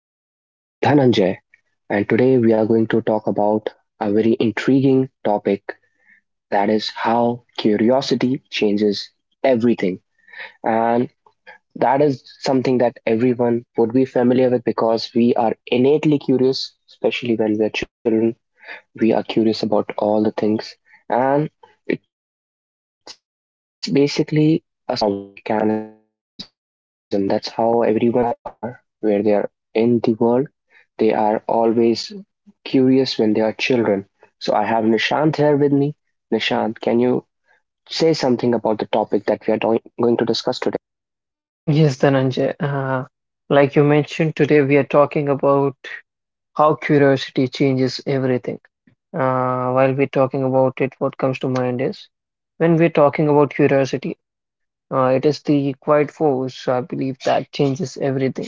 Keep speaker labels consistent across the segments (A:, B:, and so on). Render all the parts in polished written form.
A: This is Dhananjay, and today we are going to talk about a very intriguing topic, that is how curiosity changes everything. And that is something that everyone would be familiar with because we are innately curious, especially when we're children. We are curious about all the things, and it's basically a survival mechanism. That's how everyone, regardless of who they are, where they are in the world, they are always curious when they are children. So I have Nishant here with me. Nishant, can you say something about the topic that we are going to discuss today?
B: Yes, Dhananjay. Like you mentioned, today we are talking about how curiosity changes everything. While we're talking about it, what comes to mind is when we're talking about curiosity, it is the quiet force, I believe, that changes everything.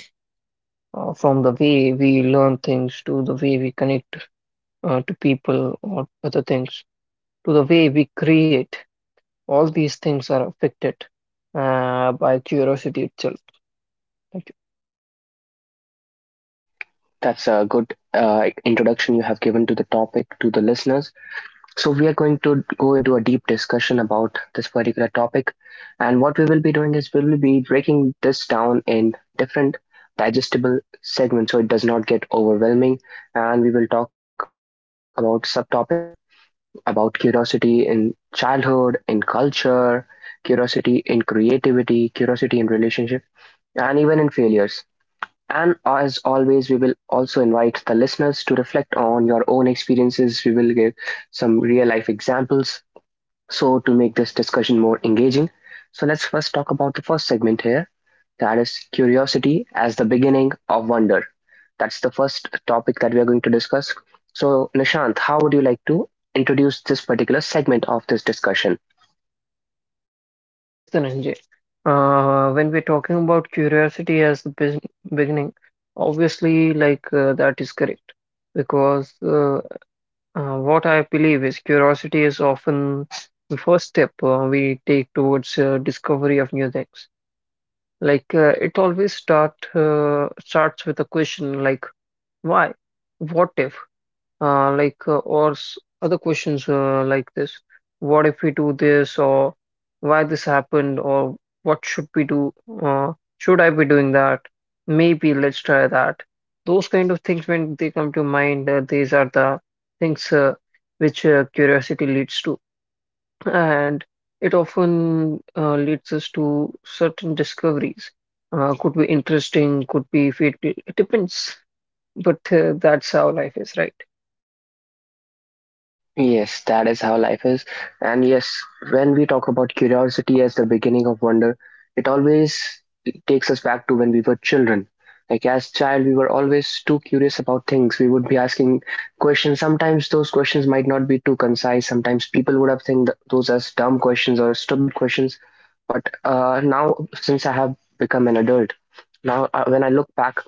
B: From the way we learn things to the way we connect to people or other things to the way we create, all these things are affected by curiosity itself. like
A: That's a good introduction you have given to the topic to the listeners. So, we are going to go into a deep discussion about this particular topic. And what we will be doing is we will be breaking this down in different digestible segments so it does not get overwhelming. And we will talk about subtopics as well, about curiosity in childhood, in culture, curiosity in creativity, curiosity in relationship, and even in failures. And as always, we will also invite the listeners to reflect on your own experiences. We will give some real life examples so to make this discussion more engaging. So let's first talk about the first segment here, that is curiosity as the beginning of wonder. That's the first topic that we are going to discuss. So, Nishant, how would you like to introduce this particular segment of this discussion?
B: Yes, Dhananjay. When we're talking about curiosity as the beginning, obviously, that is correct because what I believe is curiosity is often the first step we take towards discovery of new things. It always starts with a question like why, what if, or other questions like this: what if we do this, or why this happened, or what should we do, uh, should I be doing that, maybe let's try that. Those kind of things, when they come to mind, these are the things which curiosity leads to, and it often leads us to certain discoveries. Could be interesting, could be fatal, it depends, but that's how life is, right?
A: Yes, that is how life is. And yes, when we talk about curiosity as the beginning of wonder, it always takes us back to when we were children. Like as child, we were always too curious about things. We would be asking questions. Sometimes those questions might not be too concise. Sometimes people would have think those as dumb questions or stupid questions. But now, since I have become an adult, now when I look back,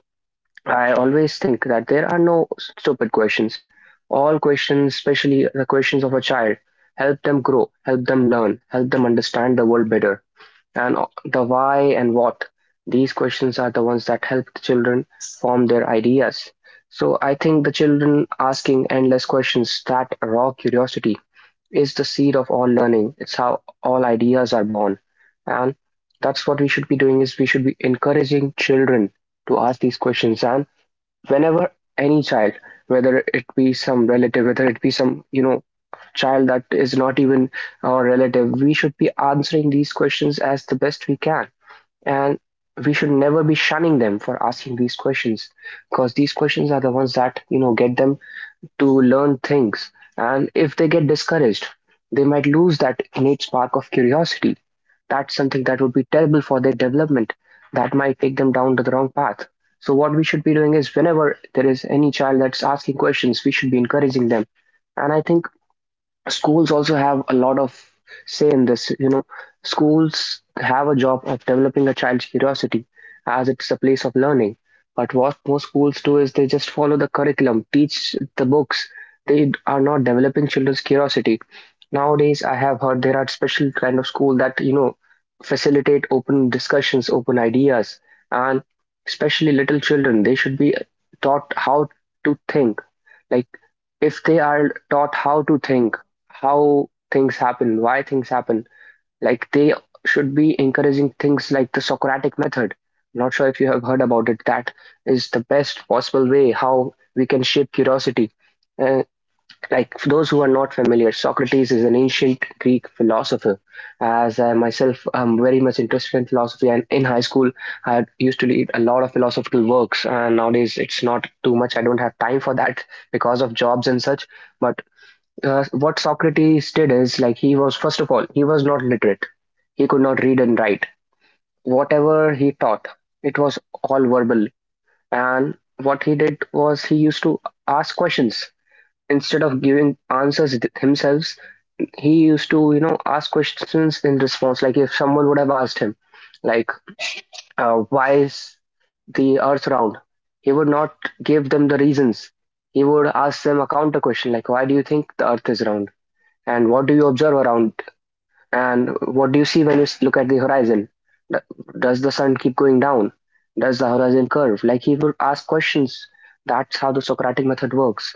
A: I always think that there are no stupid questions. All questions, especially the questions of a child, help them grow, help them learn, help them understand the world better. And the why and what, these questions are the ones that help the children form their ideas. So I think the children asking endless questions, that raw curiosity, is the seed of all learning. It's how all ideas are born. And that's what we should be doing is we should be encouraging children to ask these questions. And whenever any child, whether it be some relative, whether it be some, you know, child that is not even our relative, we should be answering these questions as the best we can, and we should never be shunning them for asking these questions, because these questions are the ones that, you know, get them to learn things, and if they get discouraged, they might lose that innate spark of curiosity. That's something that would be terrible for their development. That might take them down to the wrong path. So, what we should be doing is whenever there is any child that's asking questions, we should be encouraging them. And I think schools also have a lot of say in this. You know, schools have a job of developing a child's curiosity, as it's a place of learning, but what most schools do is they just follow the curriculum, teach the books. They are not developing children's curiosity. Nowadays, I have heard there are special kind of school that, you know, facilitate open discussions, open ideas. And especially little children, they should be taught how to think. Like, if they are taught how to think, how things happen, why things happen. Like, they should be encouraging things like the Socratic method. Not sure if you have heard about it. That is the best possible way how we can shape curiosity. Uh, like, for those who are not familiar, Socrates is an ancient Greek philosopher. As I myself am very much interested in philosophy, and in high school I used to read a lot of philosophical works, and nowadays it's not too much. I don't have time for that because of jobs and such. But what Socrates did is, like, he was, first of all, he was not literate. He could not read and write. Whatever he taught, it was all verbal. And what he did was he used to ask questions instead of giving answers himself. He used to, you know, ask questions in response. Like if someone would have asked him, like, why is the Earth round? He would not give them the reasons. He would ask them a counter question, like why do you think the Earth is round? And what do you observe around? And what do you see when you look at the horizon? D- Does the sun keep going down? Does the horizon curve? Like, he would ask questions. That's how the Socratic method works.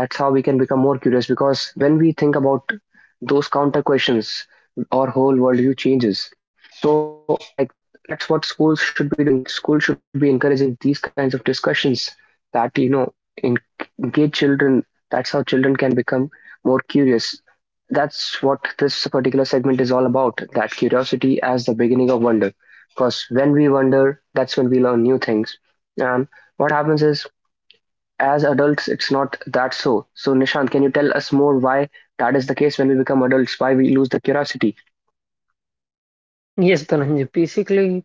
A: That's how we can become more curious, because when we think about those counter questions, our whole worldview changes. So, like, that's what schools should be doing. Schools should be encouraging these kinds of discussions that, you know, en- engage children. That's how children can become more curious. That's what this particular segment is all about, that curiosity as the beginning of wonder, because when we wonder, that's when we learn new things. And what happens is, as adults, it's not that. So, Nishant, can you tell us more why that is the case, when we become adults, why we lose the curiosity?
B: Yes, Dhananjay. Basically,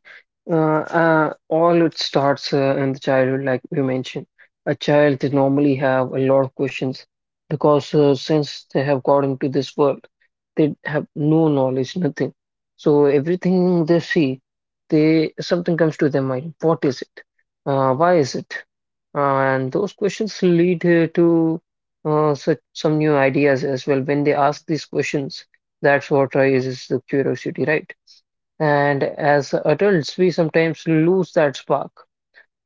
B: uh, uh, all it starts in the childhood, like you mentioned. A child, they normally have a lot of questions, because since they have got into this world, they have no knowledge, nothing. So everything they see, they something comes to their mind. What is it? Why is it? And those questions lead to such some new ideas as well. When they ask these questions, that's what raises the curiosity, right? And as adults, we sometimes lose that spark.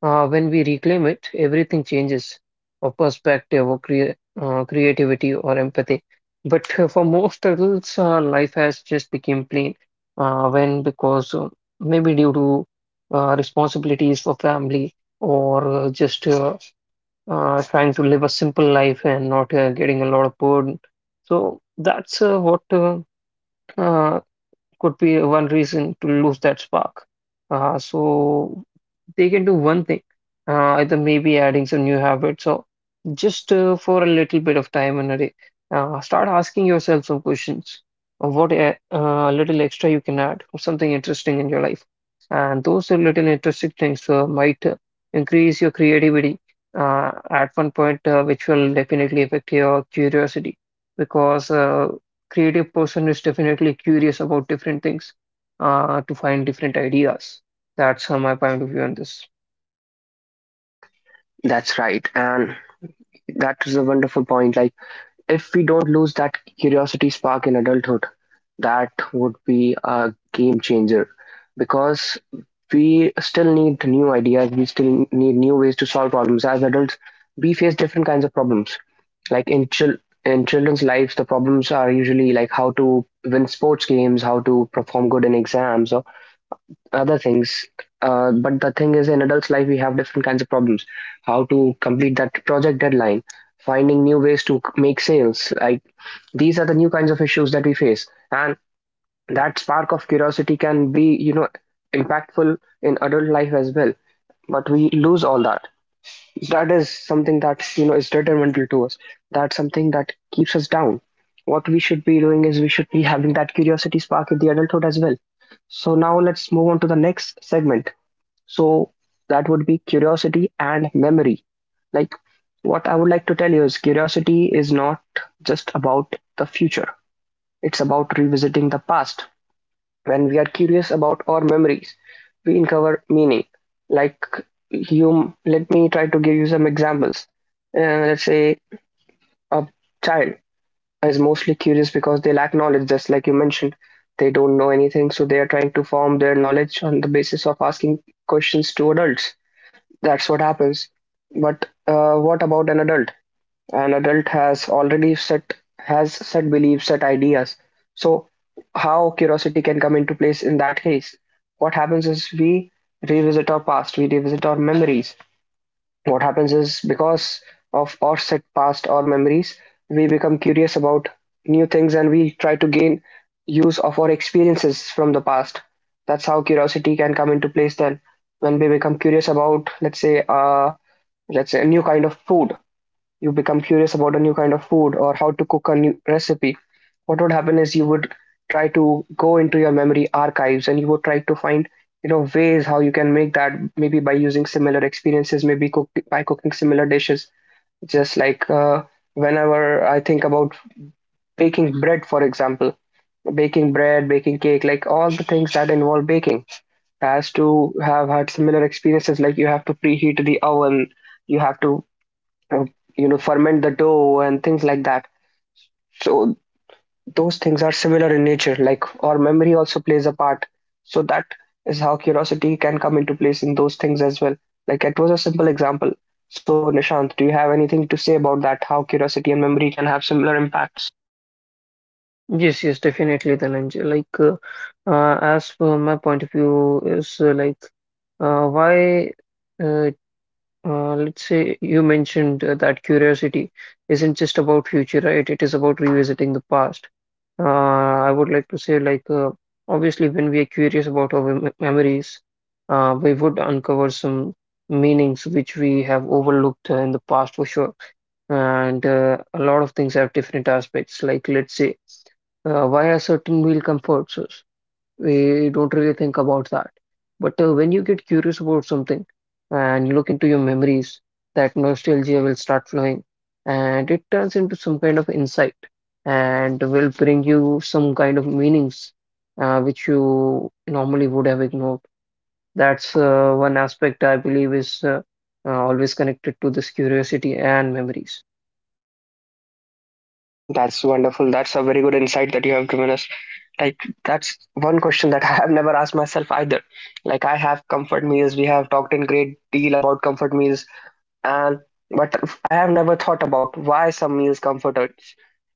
B: When we reclaim it, everything changes, or perspective, or creativity, or empathy. But for most adults, life has just become plain. When because maybe due to responsibilities for family, or just trying to live a simple life and not getting a lot of burden. So that's what uh, could be one reason to lose that spark. So they can do one thing, either maybe adding some new habits, or just for a little bit of time in a day, start asking yourself some questions of what a little extra you can add, something interesting in your life. And those little interesting things might increase your creativity at one point, which will definitely affect your curiosity, because creative person is definitely curious about different things to find different ideas. That's my point of view on this.
A: That's right, and that is a wonderful point. Like, if we don't lose that curiosity spark in adulthood, that would be a game changer, because we still need new ideas, we still need new ways to solve problems. As adults, we face different kinds of problems. Like in in children's lives, the problems are usually like how to win sports games, how to perform good in exams, or other things. But the thing is, in adults' life, we have different kinds of problems. How to complete that project deadline, finding new ways to make sales. Like, these are the new kinds of issues that we face, and that spark of curiosity can be, you know, impactful in adult life as well. But we lose all that. That is something that, you know, is detrimental to us. That's something that keeps us down. What we should be doing is we should be having that curiosity spark in the adulthood as well. So now let's move on to the next segment. So that would be curiosity and memory. Like, what I would like to tell you is curiosity is not just about the future. It's about revisiting the past. When we are curious about our memories, we uncover meaning. Like, you, let me try to give you some examples. Let's say a child is mostly curious because they lack knowledge, just like you mentioned. They don't know anything, so they are trying to form their knowledge on the basis of asking questions to adults. That's what happens. But what about an adult? An adult has already set has set beliefs, set ideas. So how curiosity can come into place in that case? What happens is we revisit our past, we revisit our memories. What happens is, because of our set past or memories, we become curious about new things, and we try to gain use of our experiences from the past. That's how curiosity can come into place then, when we become curious about, let's say, let's say a new kind of food. You become curious about a new kind of food or how to cook a new recipe. What would happen is you would try to go into your memory archives, and you would try to find, you know, ways how you can make that, maybe by using similar experiences, maybe by cooking similar dishes. Just like, whenever I think about baking bread, for example, baking cake, like all the things that involve baking has to have had similar experiences. Like, you have to preheat the oven, you have to, uh, you know, ferment the dough and things like that. So those things are similar in nature, like our memory also plays a part. So that is how curiosity can come into place in those things as well. Like, it was a simple example. So, Nishant, do you have anything to say about that, how curiosity and memory can have similar impacts?
B: Yes, yes, definitely, Dhananjay. As per my point of view is uh, why, uh, let's say you mentioned that curiosity isn't just about future, right? It is about revisiting the past. I would like to say, obviously, when we are curious about our memories, we would uncover some meanings which we have overlooked in the past for sure. And a lot of things have different aspects, like, let's say, why are certain meal comforts us, we don't really think about that. But when you get curious about something and you look into your memories, that nostalgia will start flowing, and it turns into some kind of insight, and will bring you some kind of meanings which you normally would have ignored. That's one aspect I believe is always connected to this curiosity and memories.
A: That's wonderful. That's a very good insight that you have given us. Like, that's one question that I have never asked myself either. Like, I have comfort meals, we have talked in great deal about comfort meals, and but I have never thought about why some meals comfort us.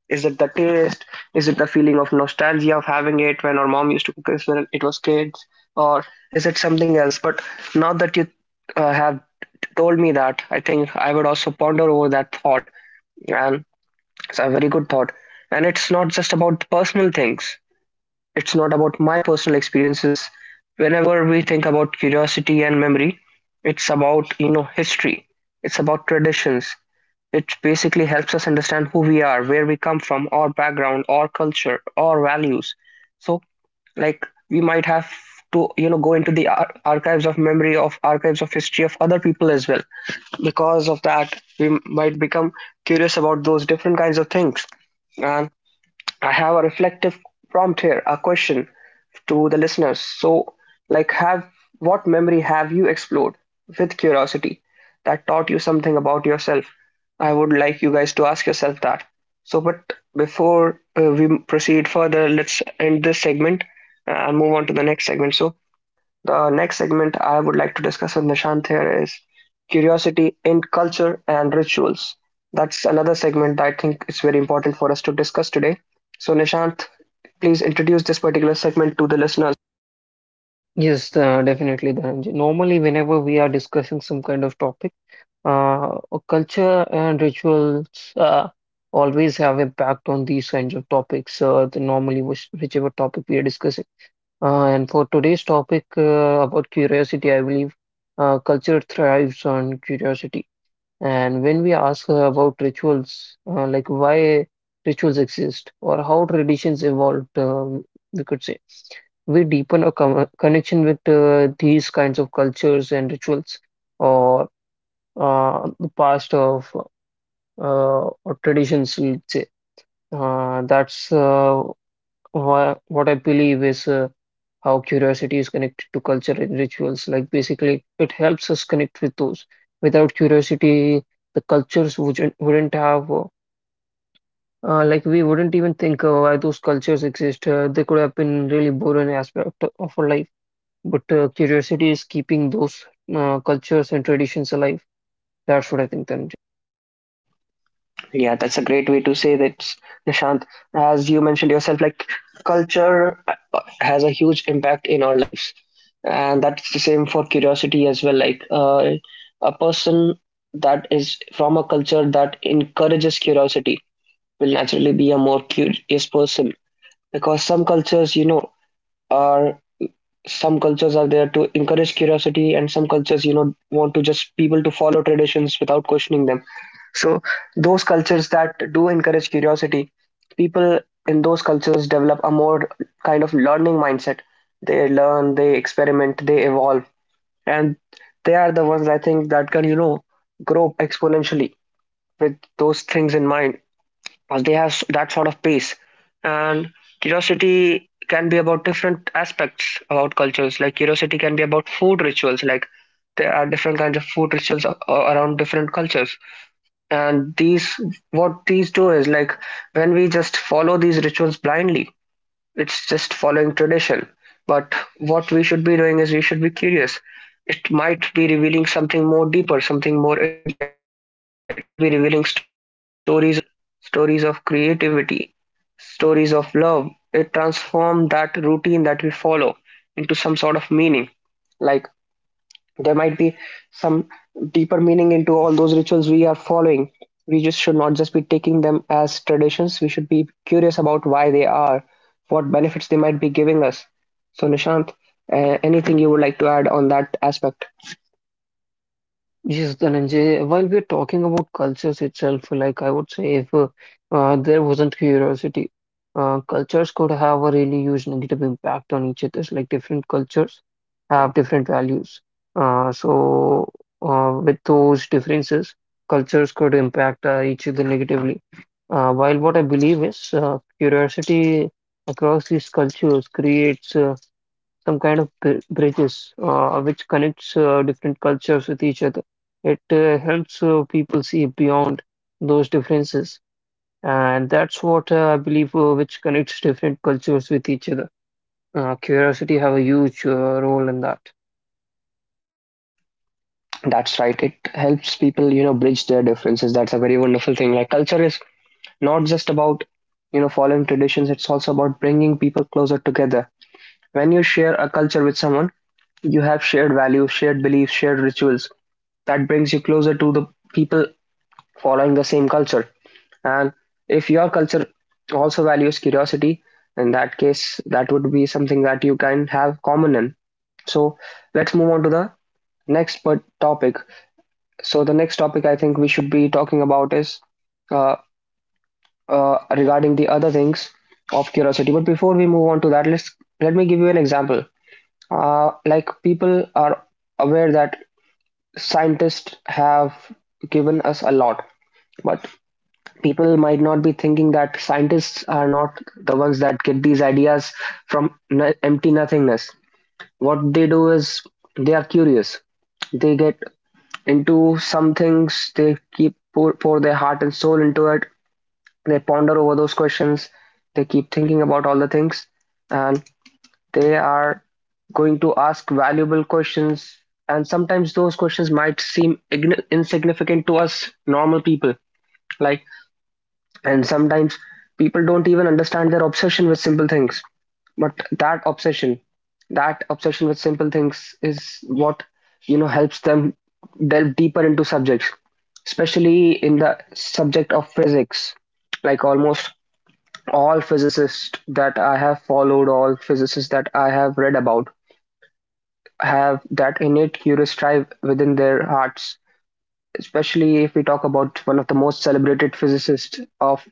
A: Is it the taste? Is it the feeling of nostalgia of having it when our mom used to cook us when it was kids? Or is it something else? But now that you have told me that, I think I would also ponder over that thought. And it's a very good thought. And it's not just about personal things, it's not about my personal experiences. Whenever we think about curiosity and memory, it's about, history, it's about traditions, it basically helps us understand who we are, where we come from, our background, our culture, our values. So, like, we might have to, go into the archives of memory, of archives of history of other people as well. Because of that, we might become curious about those different kinds of things. And I have a reflective prompt here, a question to the listeners. So, like, have what memory have you explored with curiosity that taught you something about yourself? I would like you guys to ask yourself that. So, but before we proceed further, let's end this segment and move on to the next segment. So, the next segment I would like to discuss with Nishant here is curiosity in culture and rituals. That's another segment that I think is very important for us to discuss today. So, Nishant, please introduce this particular segment to the listeners.
B: Yes, definitely, Dhananjay. Normally, whenever we are discussing some kind of topic, Uh, culture and rituals always have impact on these kinds of topics, whichever topic we are discussing. And for today's topic about curiosity, I believe culture thrives on curiosity. And when we ask about rituals, like why rituals exist or how traditions evolved, we could say, we deepen a connection with these kinds of cultures and rituals. Or the past of or traditions, let's say. That's what I believe is how curiosity is connected to culture and rituals. Like basically, it helps us connect with those. Without curiosity, the cultures wouldn't have like, we wouldn't even think why those cultures exist. They could have been really boring aspect of our life. But curiosity is keeping those cultures and traditions alive. That's what I think, Tanuj.
A: Yeah, that's a great way to say that, Nishant. As you mentioned yourself, like culture has a huge impact in our lives, and that's the same for curiosity as well. Like a person that is from a culture that encourages curiosity will naturally be a more curious person, because some cultures, are, some cultures are there to encourage curiosity, and some cultures want to just people to follow traditions without questioning them. So those cultures that do encourage curiosity, people in those cultures develop a more kind of learning mindset. They learn, they experiment, they evolve, and they are the ones, I think, that can, grow exponentially with those things in mind, as they have that sort of pace. And curiosity can be about different aspects about cultures. Like curiosity can be about food rituals. Like there are different kinds of food rituals around different cultures. And these, what these do is, like, when we just follow these rituals blindly, it's just following tradition. But what we should be doing is we should be curious. It might be revealing something more deeper, something more intricate. It might be revealing stories of survival, stories of creativity, stories of love. It transforms that routine that we follow into some sort of meaning. Like there might be some deeper meaning into all those rituals we are following. We just should not just be taking them as traditions. We should be curious about why they are, what benefits they might be giving us. So, Nishant, anything you would like to add on that aspect?
B: Yes, Dhananjay, while we're talking about cultures itself, like I would say if there wasn't curiosity, cultures could have a really huge negative impact on each other. Like different cultures have different values. So with those differences, cultures could impact each other negatively. While what I believe is curiosity across these cultures creates some kind of bridges which connects different cultures with each other. It helps people see beyond those differences, and that's what I believe which connects different cultures with each other. Curiosity have a huge role in that.
A: That's right. It helps people, bridge their differences. That's a very wonderful thing. Like culture is not just about, following traditions. It's also about bringing people closer together. When you share a culture with someone, you have shared values, shared beliefs, shared rituals. That brings you closer to the people following the same culture. And if your culture also values curiosity, in that case, that would be something that you can have common in. So let's move on to the next part topic. So the next topic I think we should be talking about is uh, regarding the other things of curiosity. But before we move on to that, let me give you an example. Like, people are aware that scientists have given us a lot, but people might not be thinking that scientists are not the ones that get these ideas from empty nothingness. What they do is they are curious. They get into some things, they keep pour their heart and soul into it. They ponder over those questions. They keep thinking about all the things, and they are going to ask valuable questions. And sometimes those questions might seem insignificant to us normal people. Like, and sometimes people don't even understand their obsession with simple things. But that obsession, that obsession with simple things is what, helps them delve deeper into subjects, especially in the subject of physics. Like, almost all physicists that I have followed, all physicists that I have read about, have that innate curious drive within their hearts. Especially if we talk about one of the most celebrated physicists of,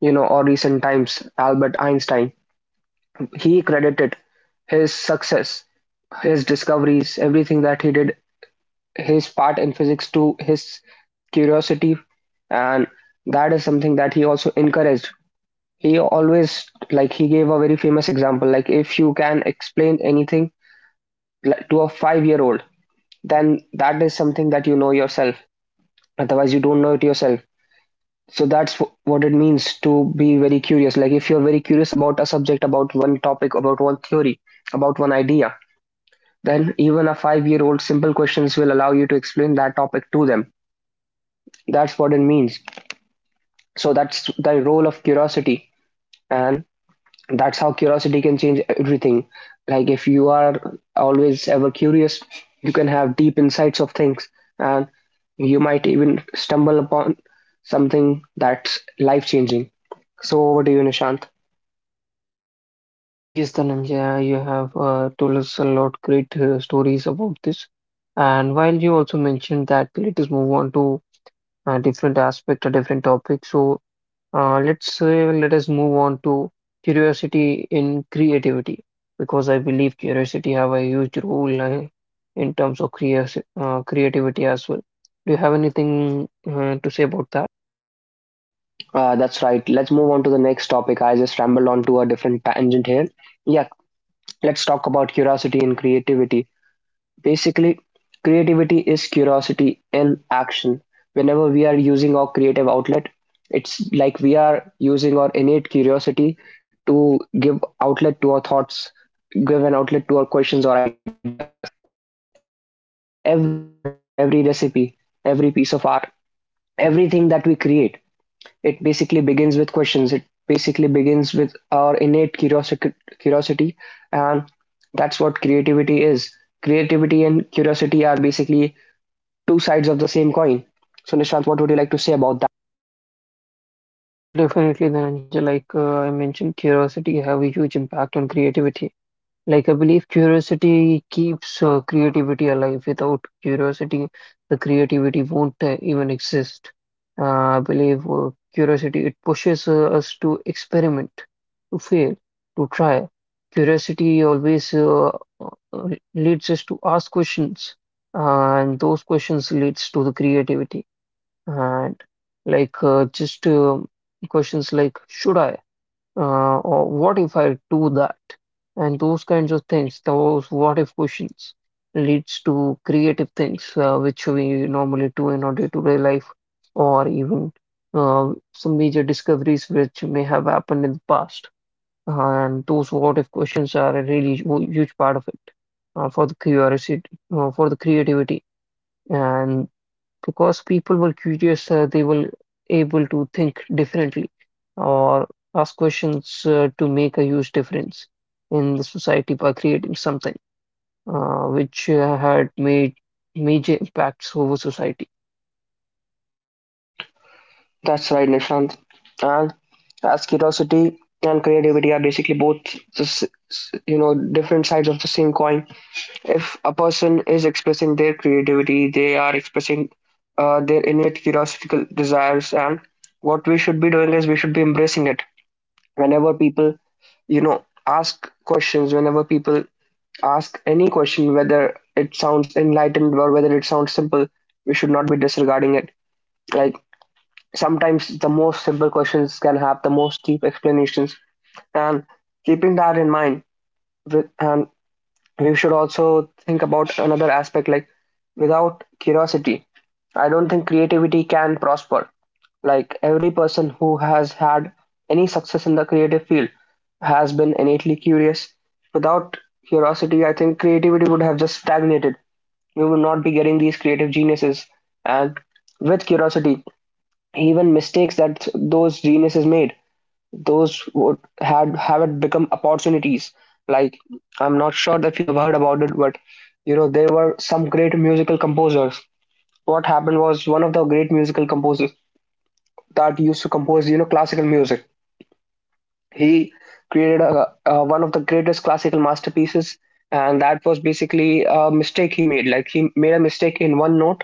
A: or recent times, Albert Einstein. He credited his success, his discoveries, everything that he did, his part in physics, to his curiosity, and that is something that he also encouraged. He always, he gave a very famous example, like, if you can explain anything, like, to a 5-year old, then that is something that you know yourself. Otherwise, you don't know it yourself. So that's what it means to be very curious. Like, if you're very curious about a subject, about one topic, about one theory, about one idea, then even a 5-year-old simple questions will allow you to explain that topic to them. That's what it means. So that's the role of curiosity, and that's how curiosity can change everything. Like, if you are always ever curious, you can have deep insights of things, and you might even stumble upon something that's life changing. So over to you, Nishant.
B: Yes, Dhananjay, you have told us a lot great stories about this. And while you also mentioned that, let us move on to a different aspect, a different topic. So let us move on to curiosity in creativity, because I believe curiosity have a huge role in terms of creativity as well. Do you have anything to say about that?
A: That's right, let's move on to the next topic. I just rambled on to a different tangent here. Yeah, let's talk about curiosity and creativity. Basically, creativity is curiosity in action. Whenever we are using our creative outlet, it's like we are using our innate curiosity to give outlet to our thoughts, give an outlet to our questions or ideas. Every invention, every recipe, every piece of art, everything that we create, it basically begins with questions. It basically begins with our innate curiosity, and that's what creativity is. Creativity and curiosity are basically two sides of the same coin. So, Nishant, what would you like to say about that?
B: Well, definitely, then Angel, like I mentioned, curiosity have a huge impact on creativity. Like, I believe curiosity keeps creativity alive. Without curiosity, the creativity won't even exist. I believe curiosity, it pushes us to experiment, to fail, to try. Curiosity always uh, leads us to ask questions, and those questions leads to the creativity. And like just questions like, should I? Or what if I do that? And those kinds of things, those what if questions leads to creative things which we normally do in our day-to-day life, or even some major discoveries which may have happened in the past. And those what if questions are a really huge part of it for the curiosity, for the creativity. And because people were curious, they were able to think differently, or ask questions to make a huge difference in the society by creating something which had made major impacts over society.
A: That's right, Nishant. And as curiosity and creativity are basically both, s- different sides of the same coin. If a person is expressing their creativity, they are expressing their innate curiosity, desires, and what we should be doing is we should be embracing it. Whenever people, ask questions, whenever people ask any question, whether it sounds enlightened or whether it sounds simple, we should not be disregarding it. Like, sometimes the most simple questions can have the most deep explanations, and keeping that in mind with and you should also think about another aspect. Like, without curiosity, I don't think creativity can prosper. Like, every person who has had any success in the creative field has been innately curious. Without curiosity, I think creativity would have just stagnated. We would not be getting these creative geniuses, and with curiosity, even mistakes that those geniuses made, those would had haven't become opportunities. Like, I'm not sure if you have heard about it, but there were some great musical composers. What happened was one of the great musical composers that used to compose classical music. He created one of the greatest classical masterpieces, and that was basically a mistake he made. Like, he made a mistake in one note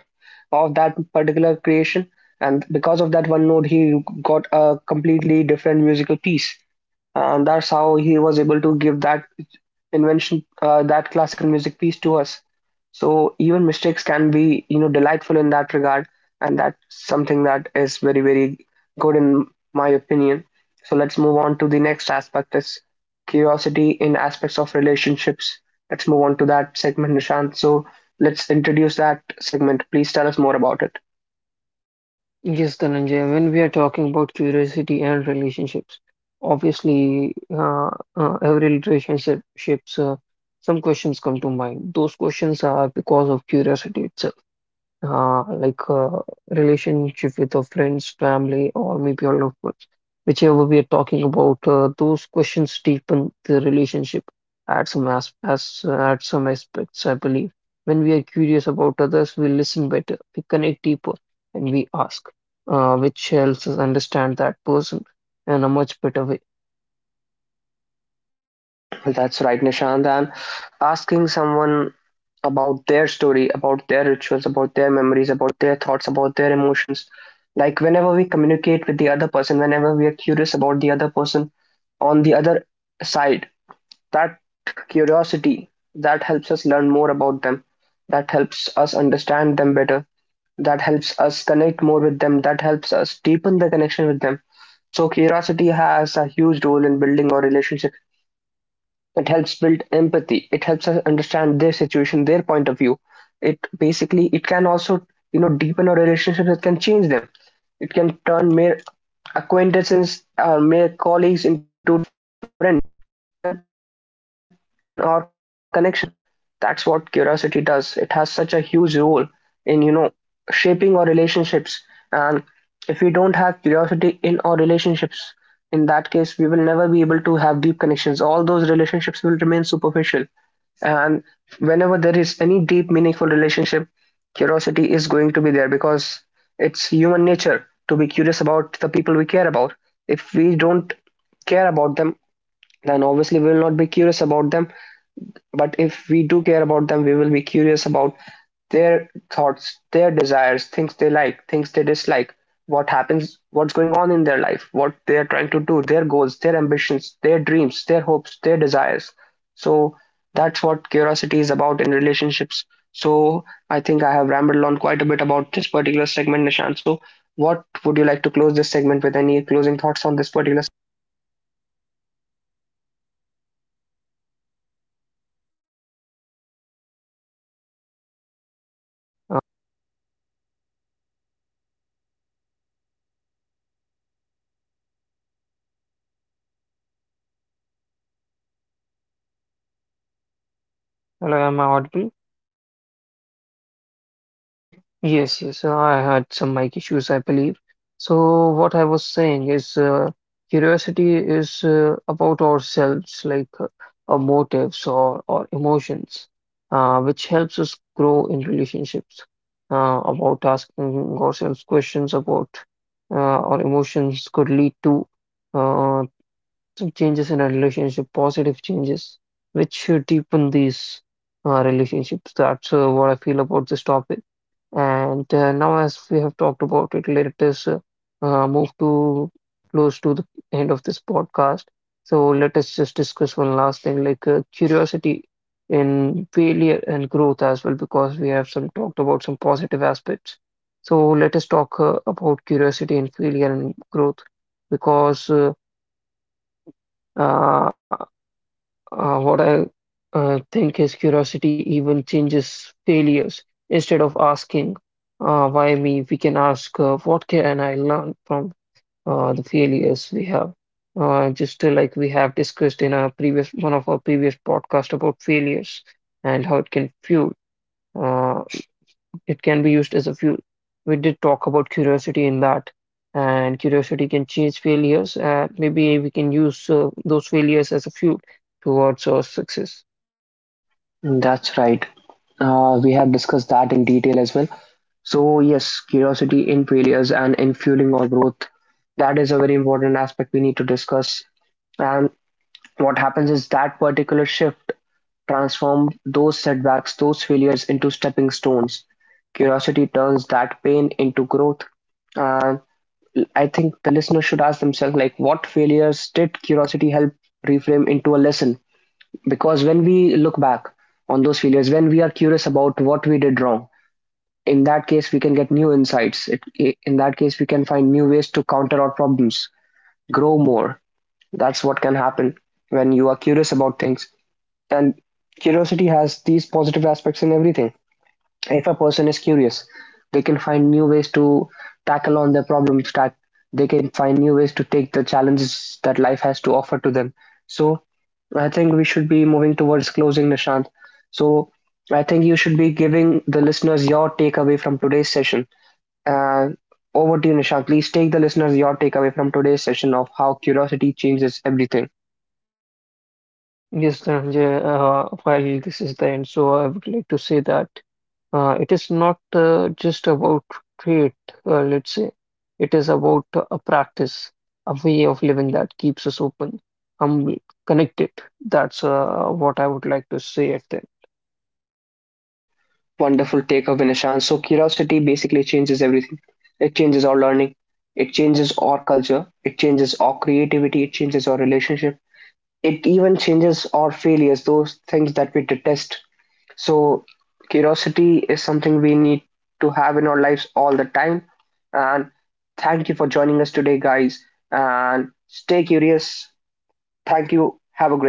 A: of that particular creation, and because of that one note, he got a completely different musical piece. That's how he was able to give that invention, that classical music piece to us. So even mistakes can be, delightful in that regard, and that's something that is very, very good in my opinion. So let's move on to the next aspect, is curiosity in aspects of relationships. Let's move on to that segment, Nishant. So let's introduce that segment. Please tell us more about it.
B: Yes, Dhananjay, when we are talking about curiosity and relationships, obviously, every relationships, some questions come to mind. Those questions are because of curiosity itself, like a relationship with our friends, family, or maybe our loved ones. Whichever we are talking about, those questions deepen the relationship at some as at some aspects, I believe. When we are curious about others, we listen better, we connect deeper, and we ask, which helps us understand that person in a much better way.
A: That's right, Nishant. And asking someone about their story, about their rituals, about their memories, about their thoughts, about their emotions. Like, whenever we communicate with the other person, whenever we are curious about the other person on the other side, that curiosity, that helps us learn more about them, that helps us understand them better, that helps us connect more with them, that helps us deepen the connection with them. So curiosity has a huge role in building our relationship. It helps build empathy. It helps us understand their situation, their point of view. It basically, it can also deepen our relationships. It can change them. It can turn mere acquaintances or mere colleagues into friends. It can, deepen our connections with them. That's what curiosity does. It has such a huge role in, shaping our relationships. And if we don't have curiosity in our relationships, in that case, we will never be able to have deep connections. All those relationships will remain superficial. And whenever there is any deep meaningful relationship, curiosity is going to be there, because it's human nature to be curious about the people we care about. If we don't care about them, then obviously we will not be curious about them. But if we do care about them, we will be curious about their thoughts, their desires, things they like, things they dislike, what happens, what's going on in their life, what they are trying to do, their goals, their ambitions, their dreams, their hopes, their desires. So that's what curiosity is about in relationships. So I think I have rambled on quite a bit about this particular segment, Nishant. So what would you like to close this segment with? Any closing thoughts on this particular?
B: Yes, definitely. I believe curiosity about us is all about ourselves, our motives, or
A: I
B: emotions.
A: think Nishant might be having some technical issues. Nishant, I'm not able to hear you. Uh, so I think I should be continuing on to the next segment here.
B: Hello, am I audible?
A: Yes, Nishant. Now please complete what you were
B: Yes, I had some mic issues, I believe. So, what I was saying is, curiosity is about ourselves, like our motives or emotions, which helps us grow in relationships, about asking ourselves questions about uh, our emotions could lead to Uh, some changes in our relationship, positive changes, which should deepen these relationships. That's what I feel about this topic. And now, as we have talked about it, let us move to close to the end of this podcast. So let us just discuss one last thing, like curiosity in failure and growth as well, because we have some talked about some positive aspects. So let us talk about curiosity and failure and growth, because uh, what I think is curiosity even changes failures. Instead of asking, why me, we can ask, what can I learn from the failures we have? Just like we have discussed in our previous one of our previous podcast about failures and how it can fuel. Uh, it can be used as a fuel. We did talk about curiosity in that, and curiosity can change failures. Maybe we can use those failures as a fuel towards our success.
A: saying. That's right. We have discussed that in detail as well. So yes, curiosity in failures and in fueling our growth. That is a very important aspect we need to discuss. And what happens is that particular shift transformed those setbacks, those failures into stepping stones. Curiosity turns that pain into growth. And I think the listener should ask themselves, like, what failures did curiosity help reframe into a lesson? Because when we look back on those failures, when we are curious about what we did wrong, in that case, we can get new insights. It, in that case, we can find new ways to counter our problems, grow more. That's what can happen when you are curious about things. And curiosity has these positive aspects in everything. If a person is curious, they can find new ways to tackle on their problems, that they can find new ways to take the challenges that life has to offer to them. So I think we should be moving towards closing, Nishant. So I think you should be giving the listeners your takeaway from today's session. Uh, Over to you, Nishant. Please take the listeners your takeaway from today's session of how curiosity changes everything.
B: Yes, Dhananjay, while this is the end, so I would like to say that it is not just about trade, let's say. It is about a practice, a way of living that keeps us open, humble, connected. That's what I would like to say at the
A: Wonderful take of Vinashan. So curiosity basically changes everything. It changes our learning, it changes our culture, it changes our creativity, it changes our relationship, it even changes our failures, those things that we detest. So curiosity is something we need to have in our lives all the time. And thank you for joining us today, guys. And stay curious. Thank you. Have a great